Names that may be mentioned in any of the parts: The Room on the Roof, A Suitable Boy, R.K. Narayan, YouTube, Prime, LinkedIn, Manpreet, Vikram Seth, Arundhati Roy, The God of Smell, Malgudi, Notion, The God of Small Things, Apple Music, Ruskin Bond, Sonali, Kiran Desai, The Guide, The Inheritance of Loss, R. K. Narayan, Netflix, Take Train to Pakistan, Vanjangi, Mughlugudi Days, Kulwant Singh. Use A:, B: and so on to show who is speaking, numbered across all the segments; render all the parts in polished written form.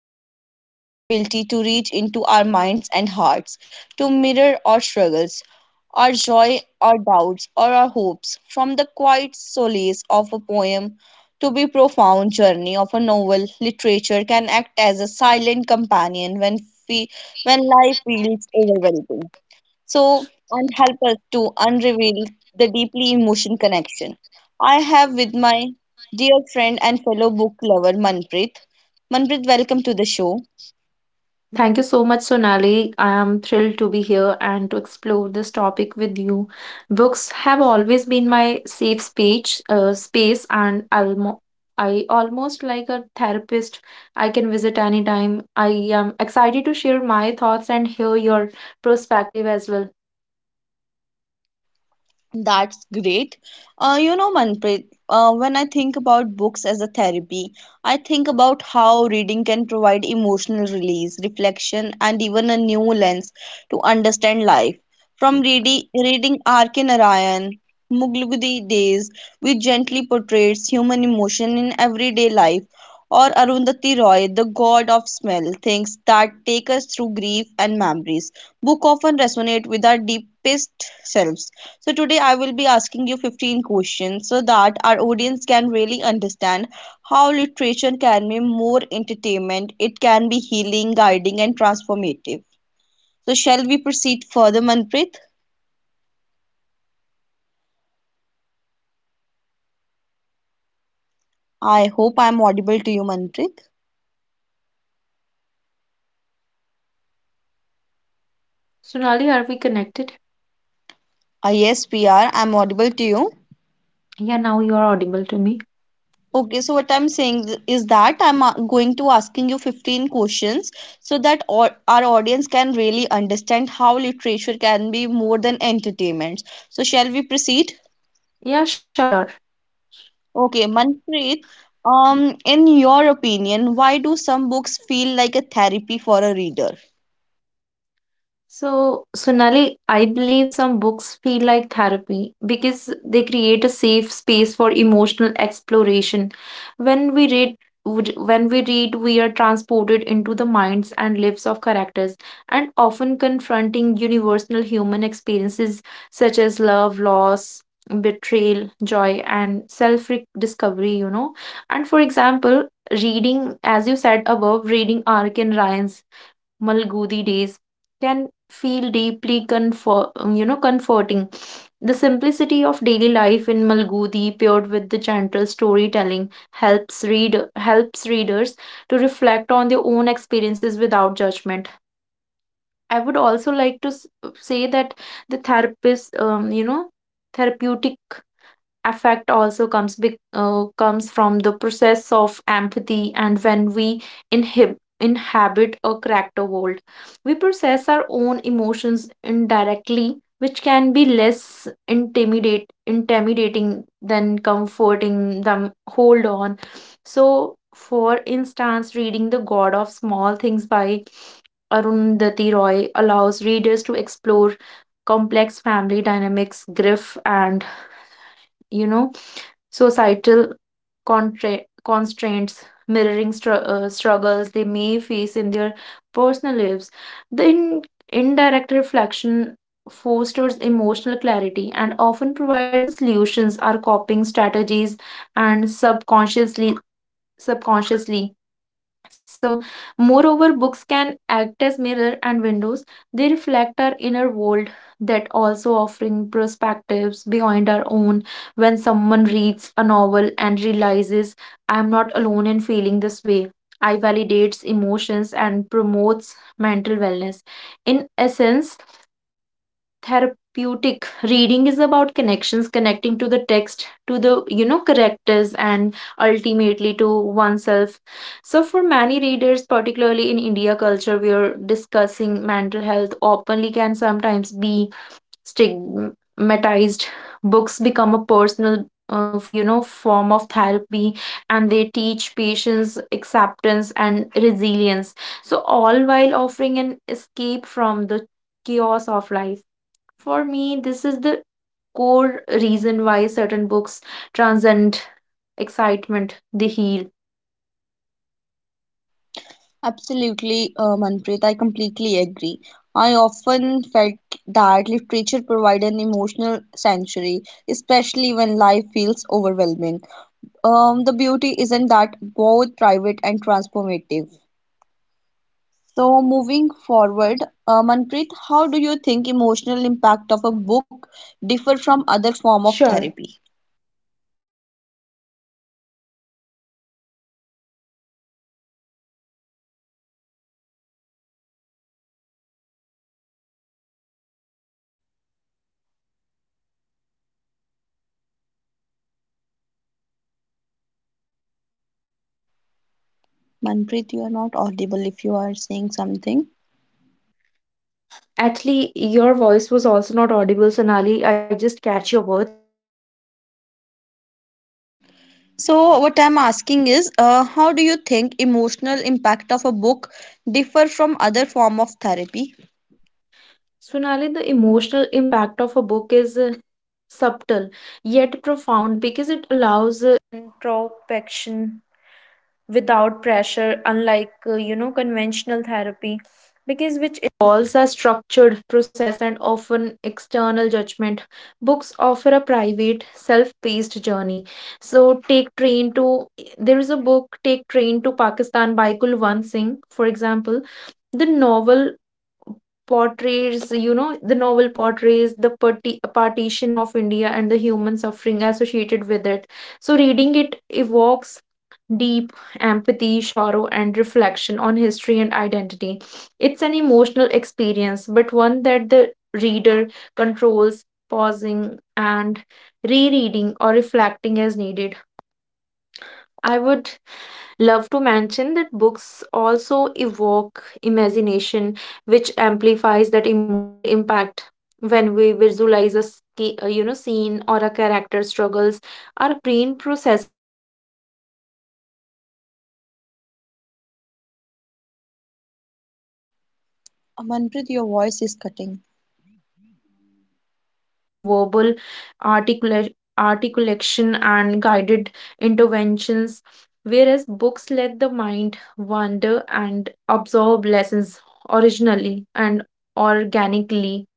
A: books have the magical ability to reach into our minds and hearts, to mirror our struggles, our joy, our doubts, or our hopes. From the quiet solace of a poem to the profound journey of a novel, literature can act as a silent companion when fe- when life feels overwhelming, so and help us to unreveal the deeply emotion connection I have with my dear friend and fellow book lover Manpreet. Manpreet, welcome to the show.
B: Thank you so much, Sonali. I am thrilled to be here and to explore this topic with you. Books have always been my safe space, and I almost like a therapist. I can vent anytime. I am excited to hear your perspective as well.
A: That's great. Manpreet, when I think about books as a therapy, I think about how reading can provide emotional release, reflection, and even a new lens to understand life. From reading R. K. Narayan, Mughlugudi Days, which gently portrays human emotion in everyday life, or Arundhati Roy, The God of Smell, things that take us through grief and memories. Book often resonate with our deepest selves, so today I will be asking you 15 questions so that our audience can really understand how literature can be more entertainment, it can be healing, guiding and transformative. So shall we proceed further, Manpreet? I hope I'm audible to you, Manpreet.
B: Sonali, are we connected?
A: Ah, yes, P R, I am audible to you. Okay, so what I'm saying is that going to asking you 15 questions so that our audience can really understand how literature can be more than entertainment. So shall we proceed? Okay, Manpreet, in your opinion, why do some books feel like a therapy for a reader?
B: So, Sonali, I believe some books feel like therapy because they create a safe space for emotional exploration. When we read, when we read, we are transported into the minds and lives of characters, and often confronting universal human experiences such as love, loss, betrayal, joy, and self-discovery. And for example, reading, as you said above, reading Ark and Ryan's Malgudi days can feel deeply comforting. The simplicity of daily life in Malgudi, paired with the gentle storytelling, helps readers to reflect on their own experiences without judgment. I would also like to say that the therapeutic affect also comes from the process of empathy, and when we inhabit a character world, we process our own emotions indirectly, which can be less intimidate intimidating than comforting them. Hold on. So for instance, reading The God of Small Things by Arundhati Roy allows readers to explore complex family dynamics, grief, and you know societal constraints, mirroring struggles they may face in their personal lives. the in- indirect reflection fosters emotional clarity and often provides the solutions, our coping strategies, and subconsciously. So, moreover, books can act as mirror and windows. They reflect our inner world, that also offering perspectives behind our own. When someone reads a novel and realizes I am not alone in feeling this way, I validates emotions and promotes mental wellness. In essence, therapeutic reading is about connections connecting to the text, to the characters, and ultimately to oneself. So for many readers, particularly in India culture, where discussing mental health openly can sometimes be stigmatized, books become a personal form of therapy, and they teach patience, acceptance, and resilience, so all while offering an escape from the chaos of life. For me, this is the core reason why certain books transcend excitement, they heal.
A: Absolutely, Manpreet, I completely agree. I often felt that literature provided an emotional sanctuary, especially when life feels overwhelming. The beauty isn't that both private and transformative. So, moving forward, Manpreet, how do you think emotional impact of a book differ from other form of
B: Sure.
A: therapy? Manpreet, you are not audible if you are saying something.
B: Actually, your voice was also not audible, Sonali. I just catch your words. And I will say,
A: So what I'm asking is, how do you think emotional impact of a book differ from other form of therapy?
B: Sonali, the emotional impact of a book is subtle yet profound because it external judgment. Books offer a private, self paced journey. So, take train to there is a book, Take Train to Pakistan by Kulwant Singh, for example. The novel the novel portrays the partition of India and the human suffering associated with it. So reading it evokes deep empathy, sorrow, and reflection on history and identity. It's an emotional experience, but one that the reader controls, pausing and rereading or reflecting as needed. I would love to mention that books also evoke imagination, which amplifies that emotional impact. When we visualize a scene or a character struggles, our brain processes emotions as if we are experiencing them firsthand. So this can be
A: Manpreet,
B: cathartic.
A: your voice is
B: In
A: cutting.
B: comparison, therapy often focuses on verbal articula- articulation and guided interventions, whereas books let the mind wander and absorb lessons originally and organically.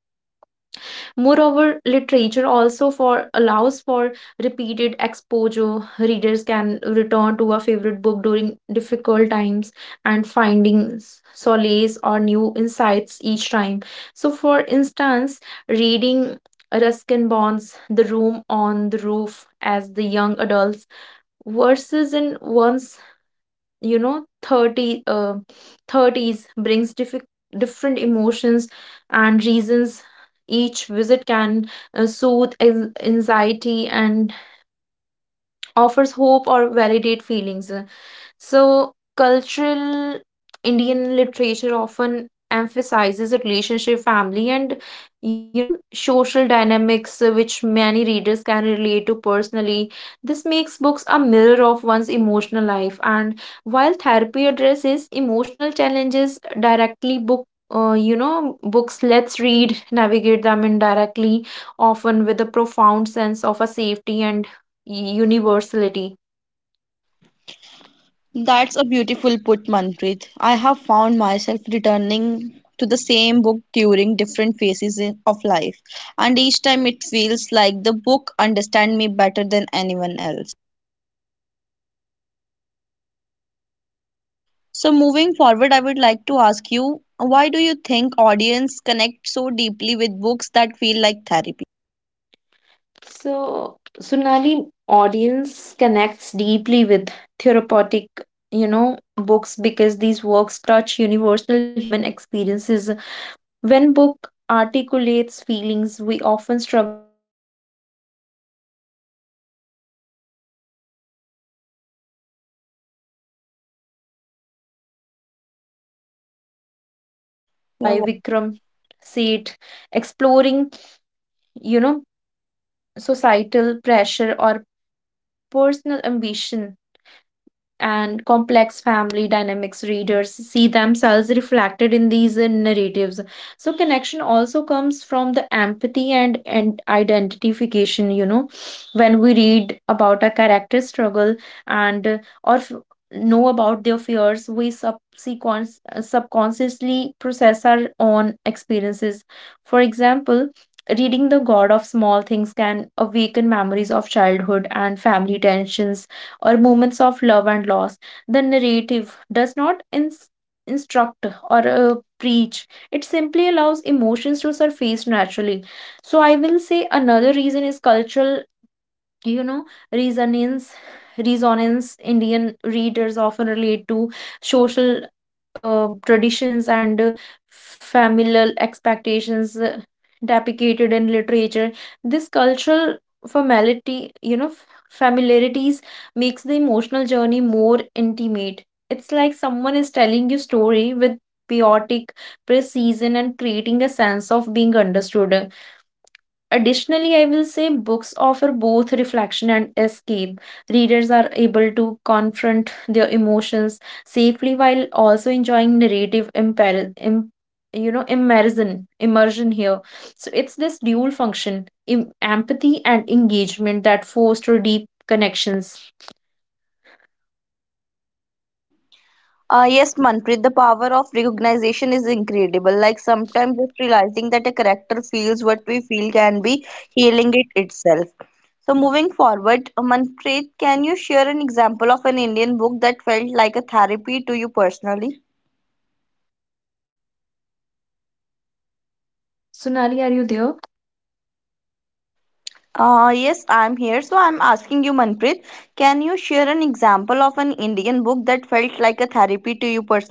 B: Moreover, literature also for allows for repeated exposure. Readers can return to a favorite book during difficult times and finding solace or new insights each time. So, for instance, reading Ruskin Bonds' The Room on the Roof as the young adults versus in one's 30 30s brings different emotions and reasons. Each visit can soothe anxiety and offers hope or validate feelings. So, cultural Indian literature often emphasizes a relationship, family, and social dynamics, which many readers can relate to personally. This makes books a mirror of one's emotional life. And while therapy addresses emotional challenges directly, books Let's Read navigate them indirectly, often with a profound sense of a safety and universality.
A: That's a beautiful put, Manpreet. I have found myself returning to the same book during different phases of life, and each time it feels like the book understands me better than anyone else. So moving forward, I would like to ask you, why do you think audience connect so deeply with books that feel like therapy?
B: So, Sunali, audience connects deeply with therapeutic books because these works touch universal human experiences. When book articulates feelings we often struggle to express or it validates our emotions. In Indian literature, books like The Wild Tiger by Arvind Agida or A Suitable Boy
A: Your
B: by
A: wo-.
B: Vikram Seth exploring, you know, societal pressure or personal ambition and complex family dynamics, readers see themselves reflected in these narratives. So connection also comes from the empathy and identification. When we read about a character struggle and or f- know about their fears, we subconsciously process our own experiences. For example, reading The God of Small Things can awaken memories of childhood and family tensions or moments of love and loss. The narrative does not instruct or preach, it simply allows emotions to surface naturally. So, I will say another reason is cultural you know resonance resonance Indian readers often relate to social traditions and familial expectations depicted in literature. This cultural formality you know f- familiarities makes the emotional journey more intimate. It's like someone is telling you story with chaotic precision and creating a sense of being understood. Additionally, I will say books offer both reflection and escape. Readers are able to confront their emotions safely while also enjoying narrative immersion here. So it's this dual function, empathy and engagement, that foster deep connections.
A: Yes, Manpreet, the power of recognition is incredible. Like sometimes just realizing that a character feels what we feel can be healing it itself. So moving forward, Manpreet, can you share an example of an Indian book that felt like a therapy to you personally?
B: Sonali, are you there?
A: Yes, I'm here. So I'm asking you, Manpreet, can you share an example of an Indian book that felt like a therapy to you personally?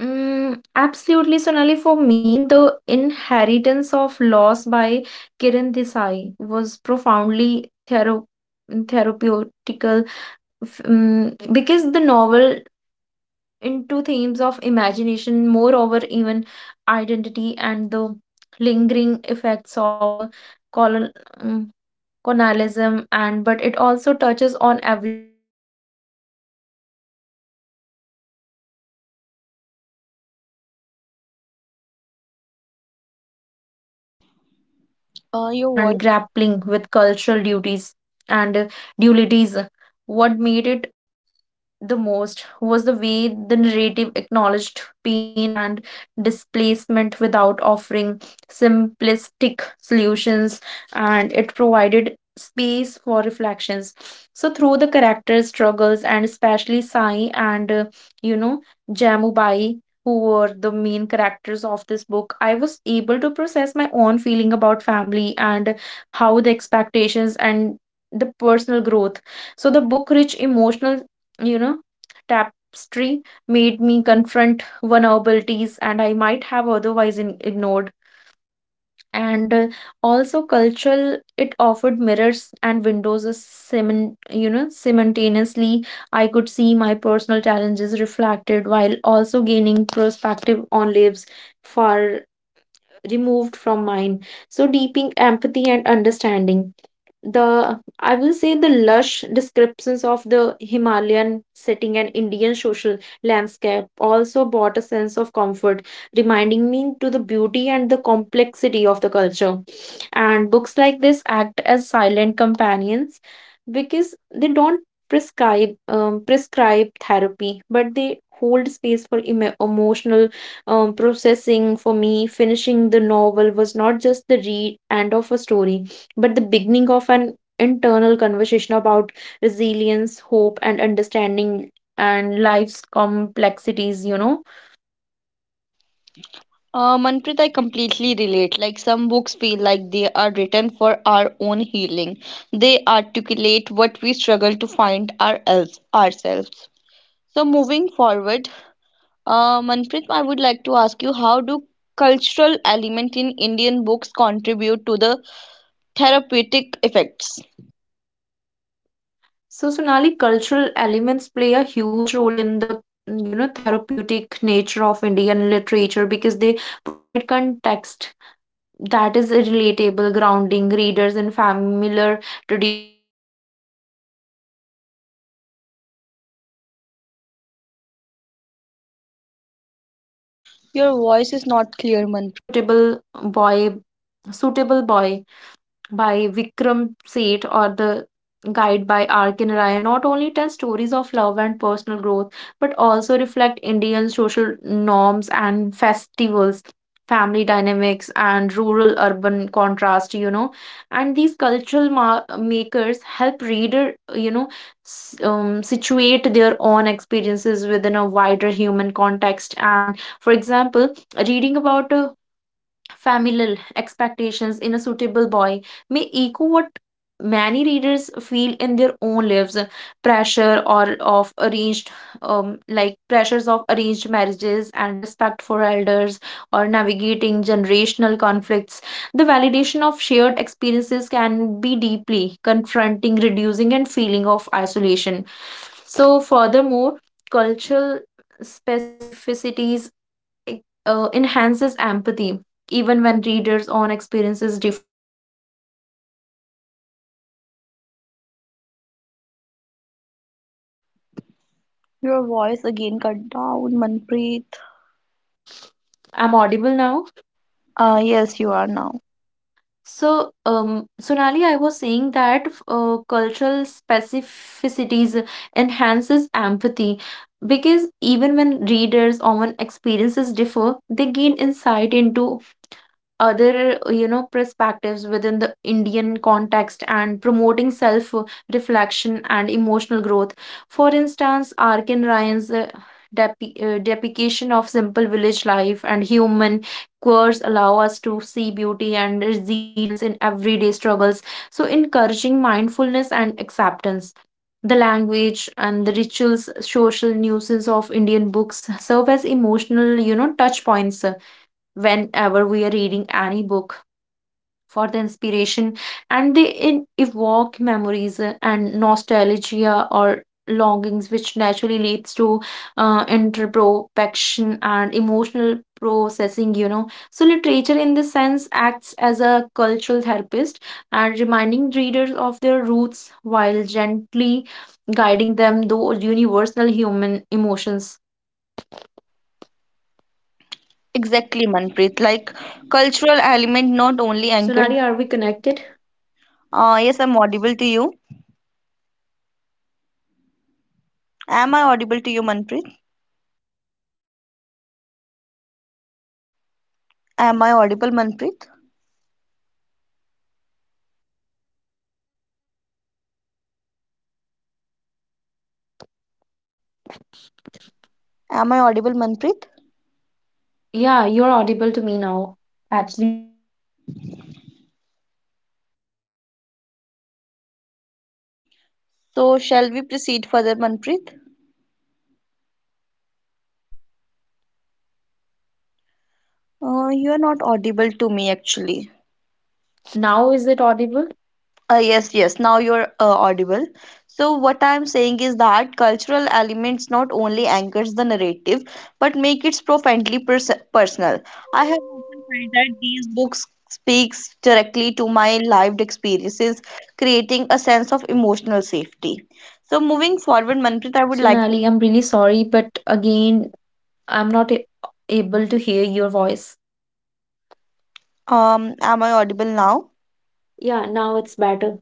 B: Mm, absolutely, Sonali. For me, The Inheritance of Loss by Kiran Desai was profoundly therapeutical because the novel into themes of imagination, moreover, even identity and the lingering effects of colon mm, colonialism, and but it also touches on every personal emotions, grief, loneliness, and the search for belongings. So reading it, I felt a deep resonance with my own journey of self discovery
A: Your voice.
B: and grappling with cultural duties and dualities. What made it the most was the way the narrative acknowledged pain and displacement without offering simplistic solutions, and it provided space for reflections. So, through the characters' struggles, and especially Sai and you know, Jamubai, who were the main characters of this book, I was able to process my own feeling about family and how the expectations and the personal growth. So the book rich emotional you know tapestry made me confront vulnerabilities and I might have otherwise ignored. And also cultural, it offered mirrors and windows as simin- you know simultaneously. I could see my personal challenges reflected while also gaining perspective on lives far removed from mine, so deeping empathy and understanding. The i will say the lush descriptions of the Himalayan setting and Indian social landscape also brought a sense of comfort, reminding me to the beauty and the complexity of the culture. And books like this act as silent companions because they don't prescribe therapy, but they hold space for emotional processing. For me, finishing the novel was not just the read end of a story, but the beginning of an internal conversation about resilience, hope, and understanding, and life's complexities.
A: Manpreet, I completely relate. Like some books feel like they are written for our own healing. They articulate what we struggle to find ourselves. So moving forward, Manpreet, I would like to ask you, how do cultural element in Indian books contribute to the therapeutic effects?
B: So, Sonali, cultural elements play a huge role in the therapeutic nature of Indian literature because they provide context that is a relatable, grounding readers in familiar traditions, values, and societal frameworks works. So books like a suit there is a book I
A: Your voice
B: remember
A: is not
B: which
A: clear,
B: was a
A: Manpreet.
B: suitable boy by Vikram Seth or The Guide by R.K. Narayan not only tell stories of love and personal growth but also reflect Indian social norms and festivals, family dynamics, and rural urban contrast. And these cultural makers help reader, situate their own experiences within a wider human context. And for example, reading about a familial expectations in a suitable boy may echo what many readers feel in their own lives, pressure or of arranged pressures of arranged marriages and respect for elders or navigating generational conflicts. The validation of shared experiences can be deeply confronting, reducing and feeling of isolation. So furthermore, cultural specificities enhances empathy. Even when readers' own experiences differ, they gain insight into other perspectives within the India context and promoting self,
A: Your
B: reflection
A: voice
B: and
A: again
B: emotional
A: cut
B: growth.
A: down, Manpreet.
B: I'm audible now.
A: Ah, yes, you are now.
B: So, Sonali, I was saying that cultural specificities enhances empathy because even when readers' own experiences differ, they gain insight into other, perspectives within the Indian context and promoting self reflection and emotional growth. For instance, Arkin Ryan's depiction of simple village life and human quirks allow us to see beauty and resilience in everyday struggles, so encouraging mindfulness and acceptance. The language and the rituals, social nuisance of Indian books serve as emotional, touch points whenever we are reading any book for the inspiration and evoke memories and nostalgia or longings, which naturally leads to introspection and emotional processing. So literature in this sense acts as a cultural therapist and reminding readers of their roots while gently guiding them those universal human emotions.
A: Exactly, Manpreet. Like cultural element not only anchors.
B: Sonali, are we connected?
A: Ah, yes, I'm audible to you. Am I audible to you, Manpreet?
B: Sonali, are we still connected?
A: Am I audible, Manpreet? Am I audible, Manpreet?
B: Yeah, you're audible to me now. Actually, I lost your voice in the middle of the conversation.
A: So, shall we proceed further, Manpreet?
B: Yeah, sure, sure.
A: You are not audible to me, actually.
B: Now is it audible?
A: Yes, yes. Now you're audible. So what I'm saying is that cultural elements not only anchors the narrative but make it profoundly personal. I have often felt that these books speaks directly to my lived experiences, creating a sense of emotional safety. So moving forward, Manpreet, I would like to.
B: Sonali, I'm really sorry, but again, I'm not a- able to hear your voice.
A: Am I audible now?
B: Yeah, now it's better.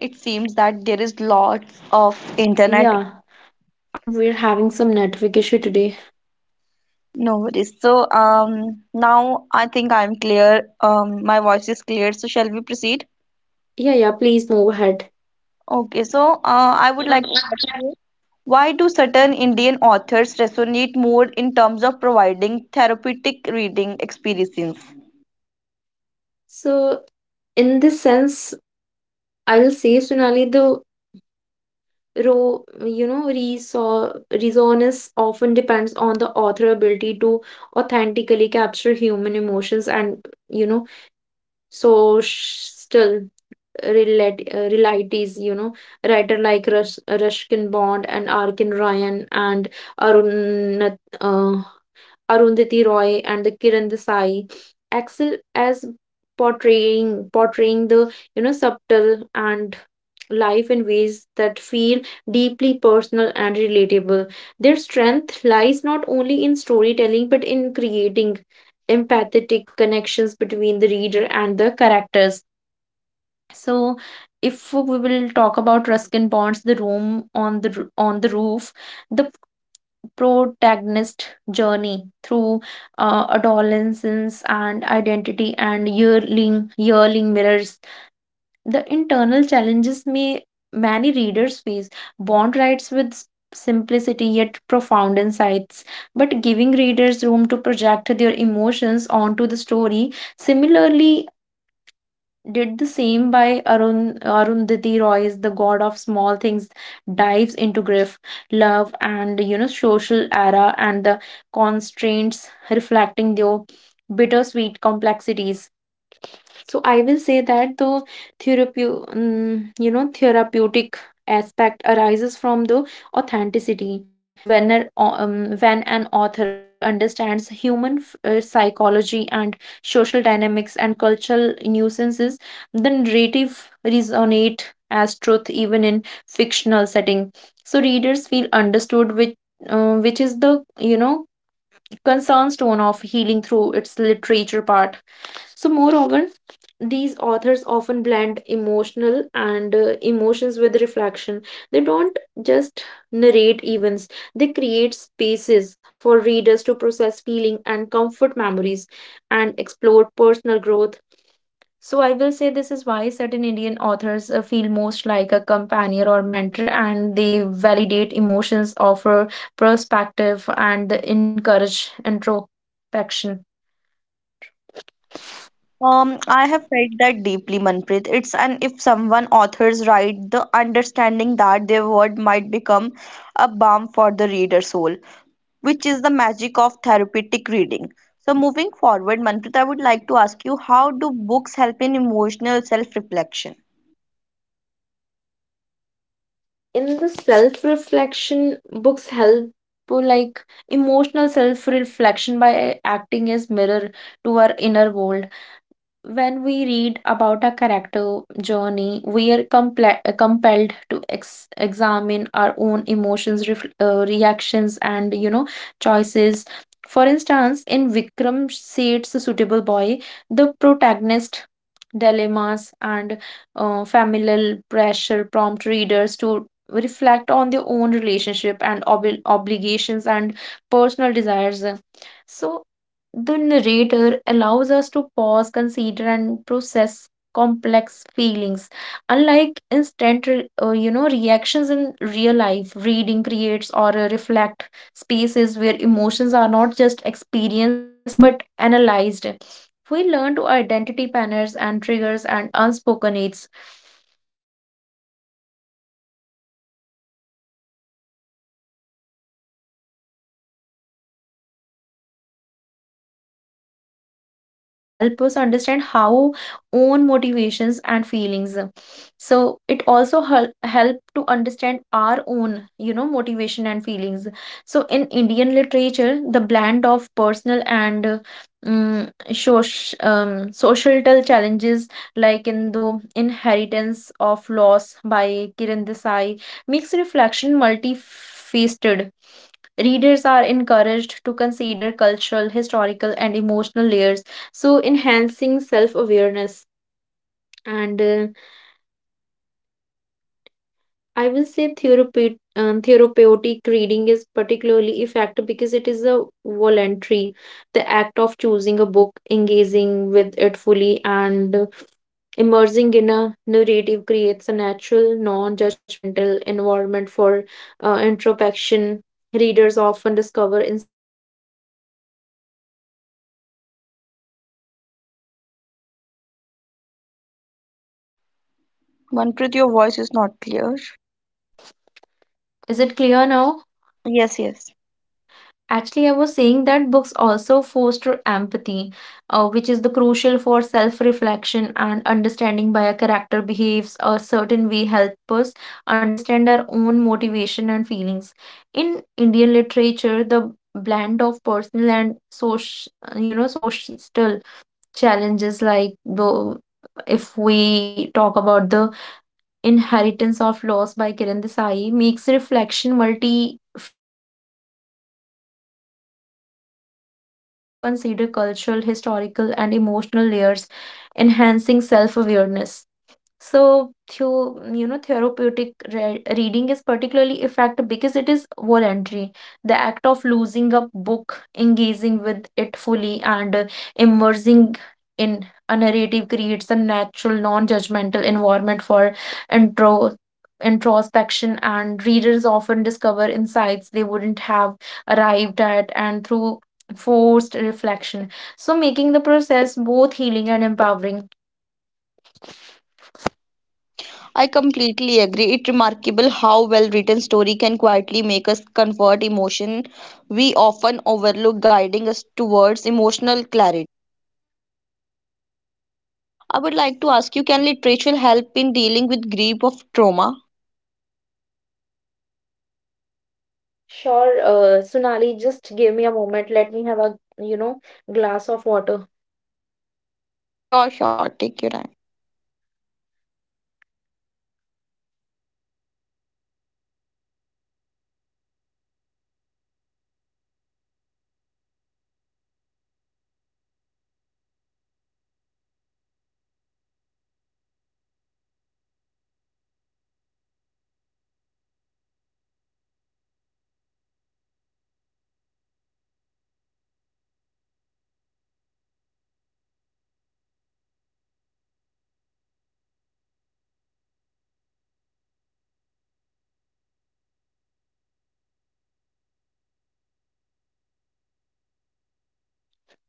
A: It seems that there is lots of internet.
B: Yeah, I think we're having some network issue today.
A: No worries. So, now I think I'm clear. My voice is clear. So, shall we proceed?
B: Yeah, yeah, please move ahead.
A: Okay. So, I would like to ask you, why do certain Indian authors resonate more in terms of providing therapeutic reading experiences?
B: So, in this sense, I'll say, Sonali, the Ro, you know, resor resonance often depends on the author ability to authentically capture human emotions and, so still realities, writer like Ruskin Bond and Arkin Ryan and Arun Arundhati Roy and the Kiran Desai excel as portraying the, you know, subtle and life in ways that feel deeply personal and relatable. Their strength lies not only in storytelling but in creating empathetic connections between the reader and the characters. So if we will talk about Ruskin Bond's The Room on the Roof, the protagonist journey through adolescence and identity and yearling mirrors the internal challenges may many readers face. Bond writes with simplicity yet profound insights, but giving readers room to project their emotions onto the story. Similarly, did the same by Arundhati Roy's The God of Small Things dives into grief, love, and, you know, social era and the constraints reflecting their bittersweet complexities. So I will say that the therapeutic aspect arises from the authenticity. When when an author understands human psychology and social dynamics and cultural nuances, the narrative resonate as truth even in fictional setting. So readers feel understood, which is the, you know, concerned stone of healing through its literature part. So, moreover, these authors often blend emotional and emotions with reflection. They don't just narrate events, they create spaces for readers to process feeling and comfort memories and explore personal growth. So, I will say this is why certain Indian authors feel most like a companion or mentor, and they validate emotions, offer perspective, and encourage introspection.
A: I have felt that deeply, Manpreet. It's an if someone authors write the understanding that their word
B: Are
A: might
B: we still
A: become
B: connected,
A: a
B: Sonali?
A: balm for the reader's soul, which is the magic of therapeutic reading. So, moving forward, Manpreet, I would like to ask you how do books help in emotional self reflection?
B: In the self reflection, books help to, like, emotional self reflection by acting as mirror to our inner world. When we read about our character journey, we are compelled to examine our own emotions, reactions, and, you know, choices. For instance, in Vikram Seth's Suitable Boy, the protagonist dilemmas and familial pressure prompt readers to reflect on their own relationship and obligations and personal desires. So, the narrator allows us to pause, consider, and process complex feelings. Unlike instant, re- you know, reactions in real life, reading creates or reflect spaces where emotions are not just experienced but analyzed. If we learn to identity patterns and triggers and unspoken needs. I'll say book also foster empathy, which is, crucial for self-reflection. Understanding why a character behaves a certain ways help us understand how own motivations and feelings. So it also help to understand our own, you know, motivation and feelings. So in Indian literature, the blend of personal and mm, social challenges, like in the Inheritance of Loss by Kiran Desai, makes reflection multifaceted. Readers are encouraged to consider cultural, historical, and emotional layers, so enhancing self awareness. And I will say therapeutic reading is particularly effective because it is a voluntary. The act of choosing a book, engaging with it fully, and immersing in a narrative creates a natural, non-judgmental environment for introspection. Readers often discover insights they wouldn't, have arrived at through phased reflection, and making the process both
A: Manpreet, your voice
B: healing
A: is
B: and
A: not
B: empowering.
A: clear.
B: Is it clear now?
A: Yes, yes.
B: Actually, I was saying that books also foster empathy, which is the crucial for self-reflection, and understanding why a character behaves a certain way help us understand our own motivation and feelings. In Indian literature, the blend of personal and social, social challenges like the if we talk about the Inheritance of Loss by Kiran Desai makes reflection multifaceted, you know, and readers are encouraged to consider cultural, historical, and emotional layers, enhancing self awareness. So, therapeutic re reading is particularly effective because it is voluntary. The act of losing a book, engaging with it fully, and immersing in a narrative creates a natural, non-judgmental environment for intro introspection, and readers often discover insights they wouldn't have arrived at and through forced reflection. So, making the process both healing and empowering.
A: I completely agree. It's remarkable how well written story can quietly make us convert emotion we often overlook, guiding us towards emotional clarity. I would like to ask you, can literature help in dealing with grief of trauma?
B: Sure, Sunali, just give me a moment. Let me have a, you know, glass of water.
A: Sure, sure, take your time.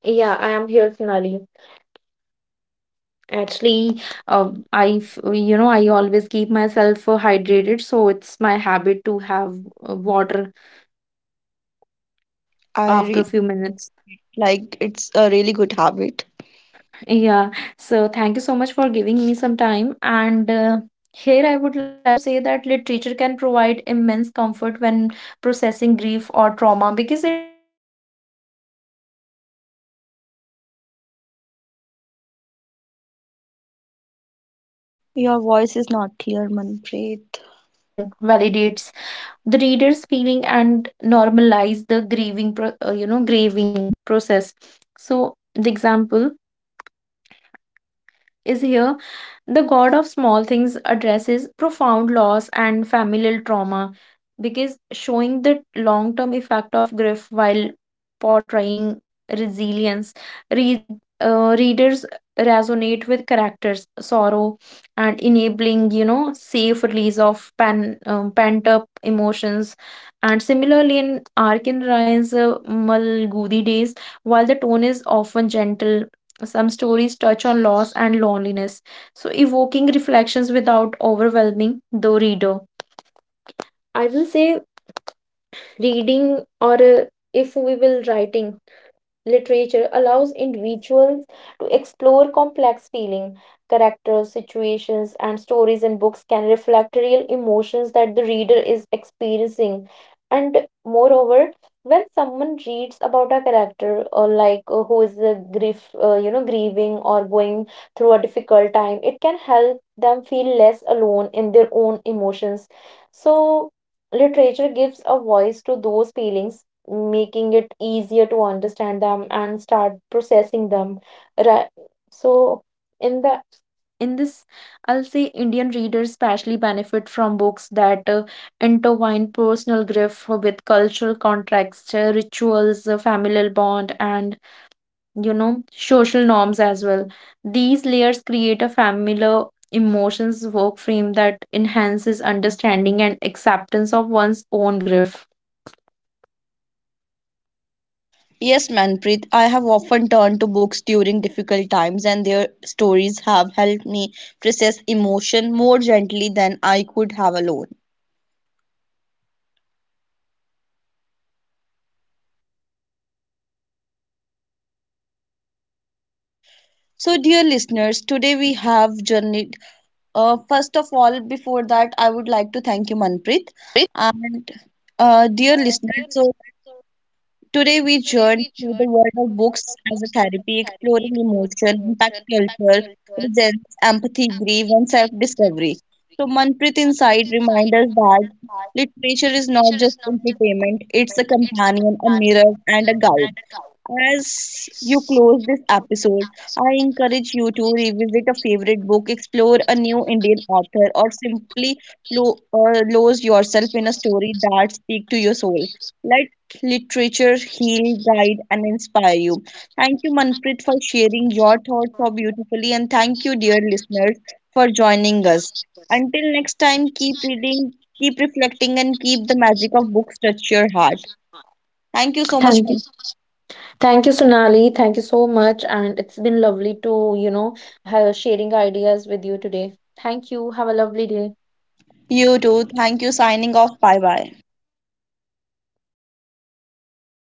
B: Yeah, I am here, Sunali. Actually, I, I always keep myself hydrated, so it's my habit to have water
A: I
B: after
A: really
B: a few minutes.
A: like it's a really good habit.
B: Yeah, so thank you so much for giving me some time. And here I would like to say that literature can provide immense comfort when processing grief or trauma because it internalize emotions that are otherwise difficult to articulate. Reading about characters
A: Your
B: who
A: voice is
B: navigate
A: not clear,
B: loss, separation,
A: Manpreet.
B: or suffering validates the reader's feeling and normalize the grieving process. So the example is here, The God of Small Things addresses profound loss and familial trauma because showing the long term effect of grief while portraying resilience. Read, Readers resonate with characters' sorrow and enabling, you know, safe release of pent up emotions. And similarly, in Arkin Ryan's Malgudi Days, while the tone is often gentle, some stories touch on loss and loneliness, so evoking reflections without overwhelming the reader. I will say reading or if we will writing literature allows individuals to explore complex feeling, characters, situations, and stories in books can reflect real emotions that the reader is experiencing. And moreover, when someone reads about a character or, like, who is a grieving or going through a difficult time, it can help them feel less alone in their own emotions. So, literature gives a voice to those feelings, making it easier to understand them and start processing them, right? So, in the in this, I'll say Indian readers especially benefit from books that intertwine personal grief with cultural context, rituals, familial bond, and, you know, social norms as well. These layers create a familiar emotions work frame that enhances understanding and acceptance of one's own grief.
A: Yes, Manpreet, I have often turned to books during difficult times, and their stories have helped me process emotion more gently than I could have alone.
B: Are we connected, Sonali?
A: So, dear listeners, today we have journeyed. First of all, before that, I would like to thank you, Manpreet, and dear listeners. So, today, we journey through the world of books as a therapy, exploring emotion, impact culture, presence, empathy, grief, and self discovery. So, Manpreet Insight reminds us that literature is not just entertainment, it's a companion, a mirror, and a guide. As you close this episode, I encourage you to revisit a favorite book, explore a new Indian author, or simply lose yourself in a story that speaks to your soul. Let literature heal, guide, and inspire you. Thank you, Manpreet, for sharing your thoughts so beautifully, and thank you, dear listeners, for joining us. Until next time, keep reading, keep reflecting, and keep the magic of books touch your heart. Thank you so much.
B: Thank you. Thank you, Sonali. Thank you so much. And it's been lovely to, you know, have sharing ideas with you today. Thank you. Have a lovely day.
A: You too. Thank you. Signing off. Bye bye.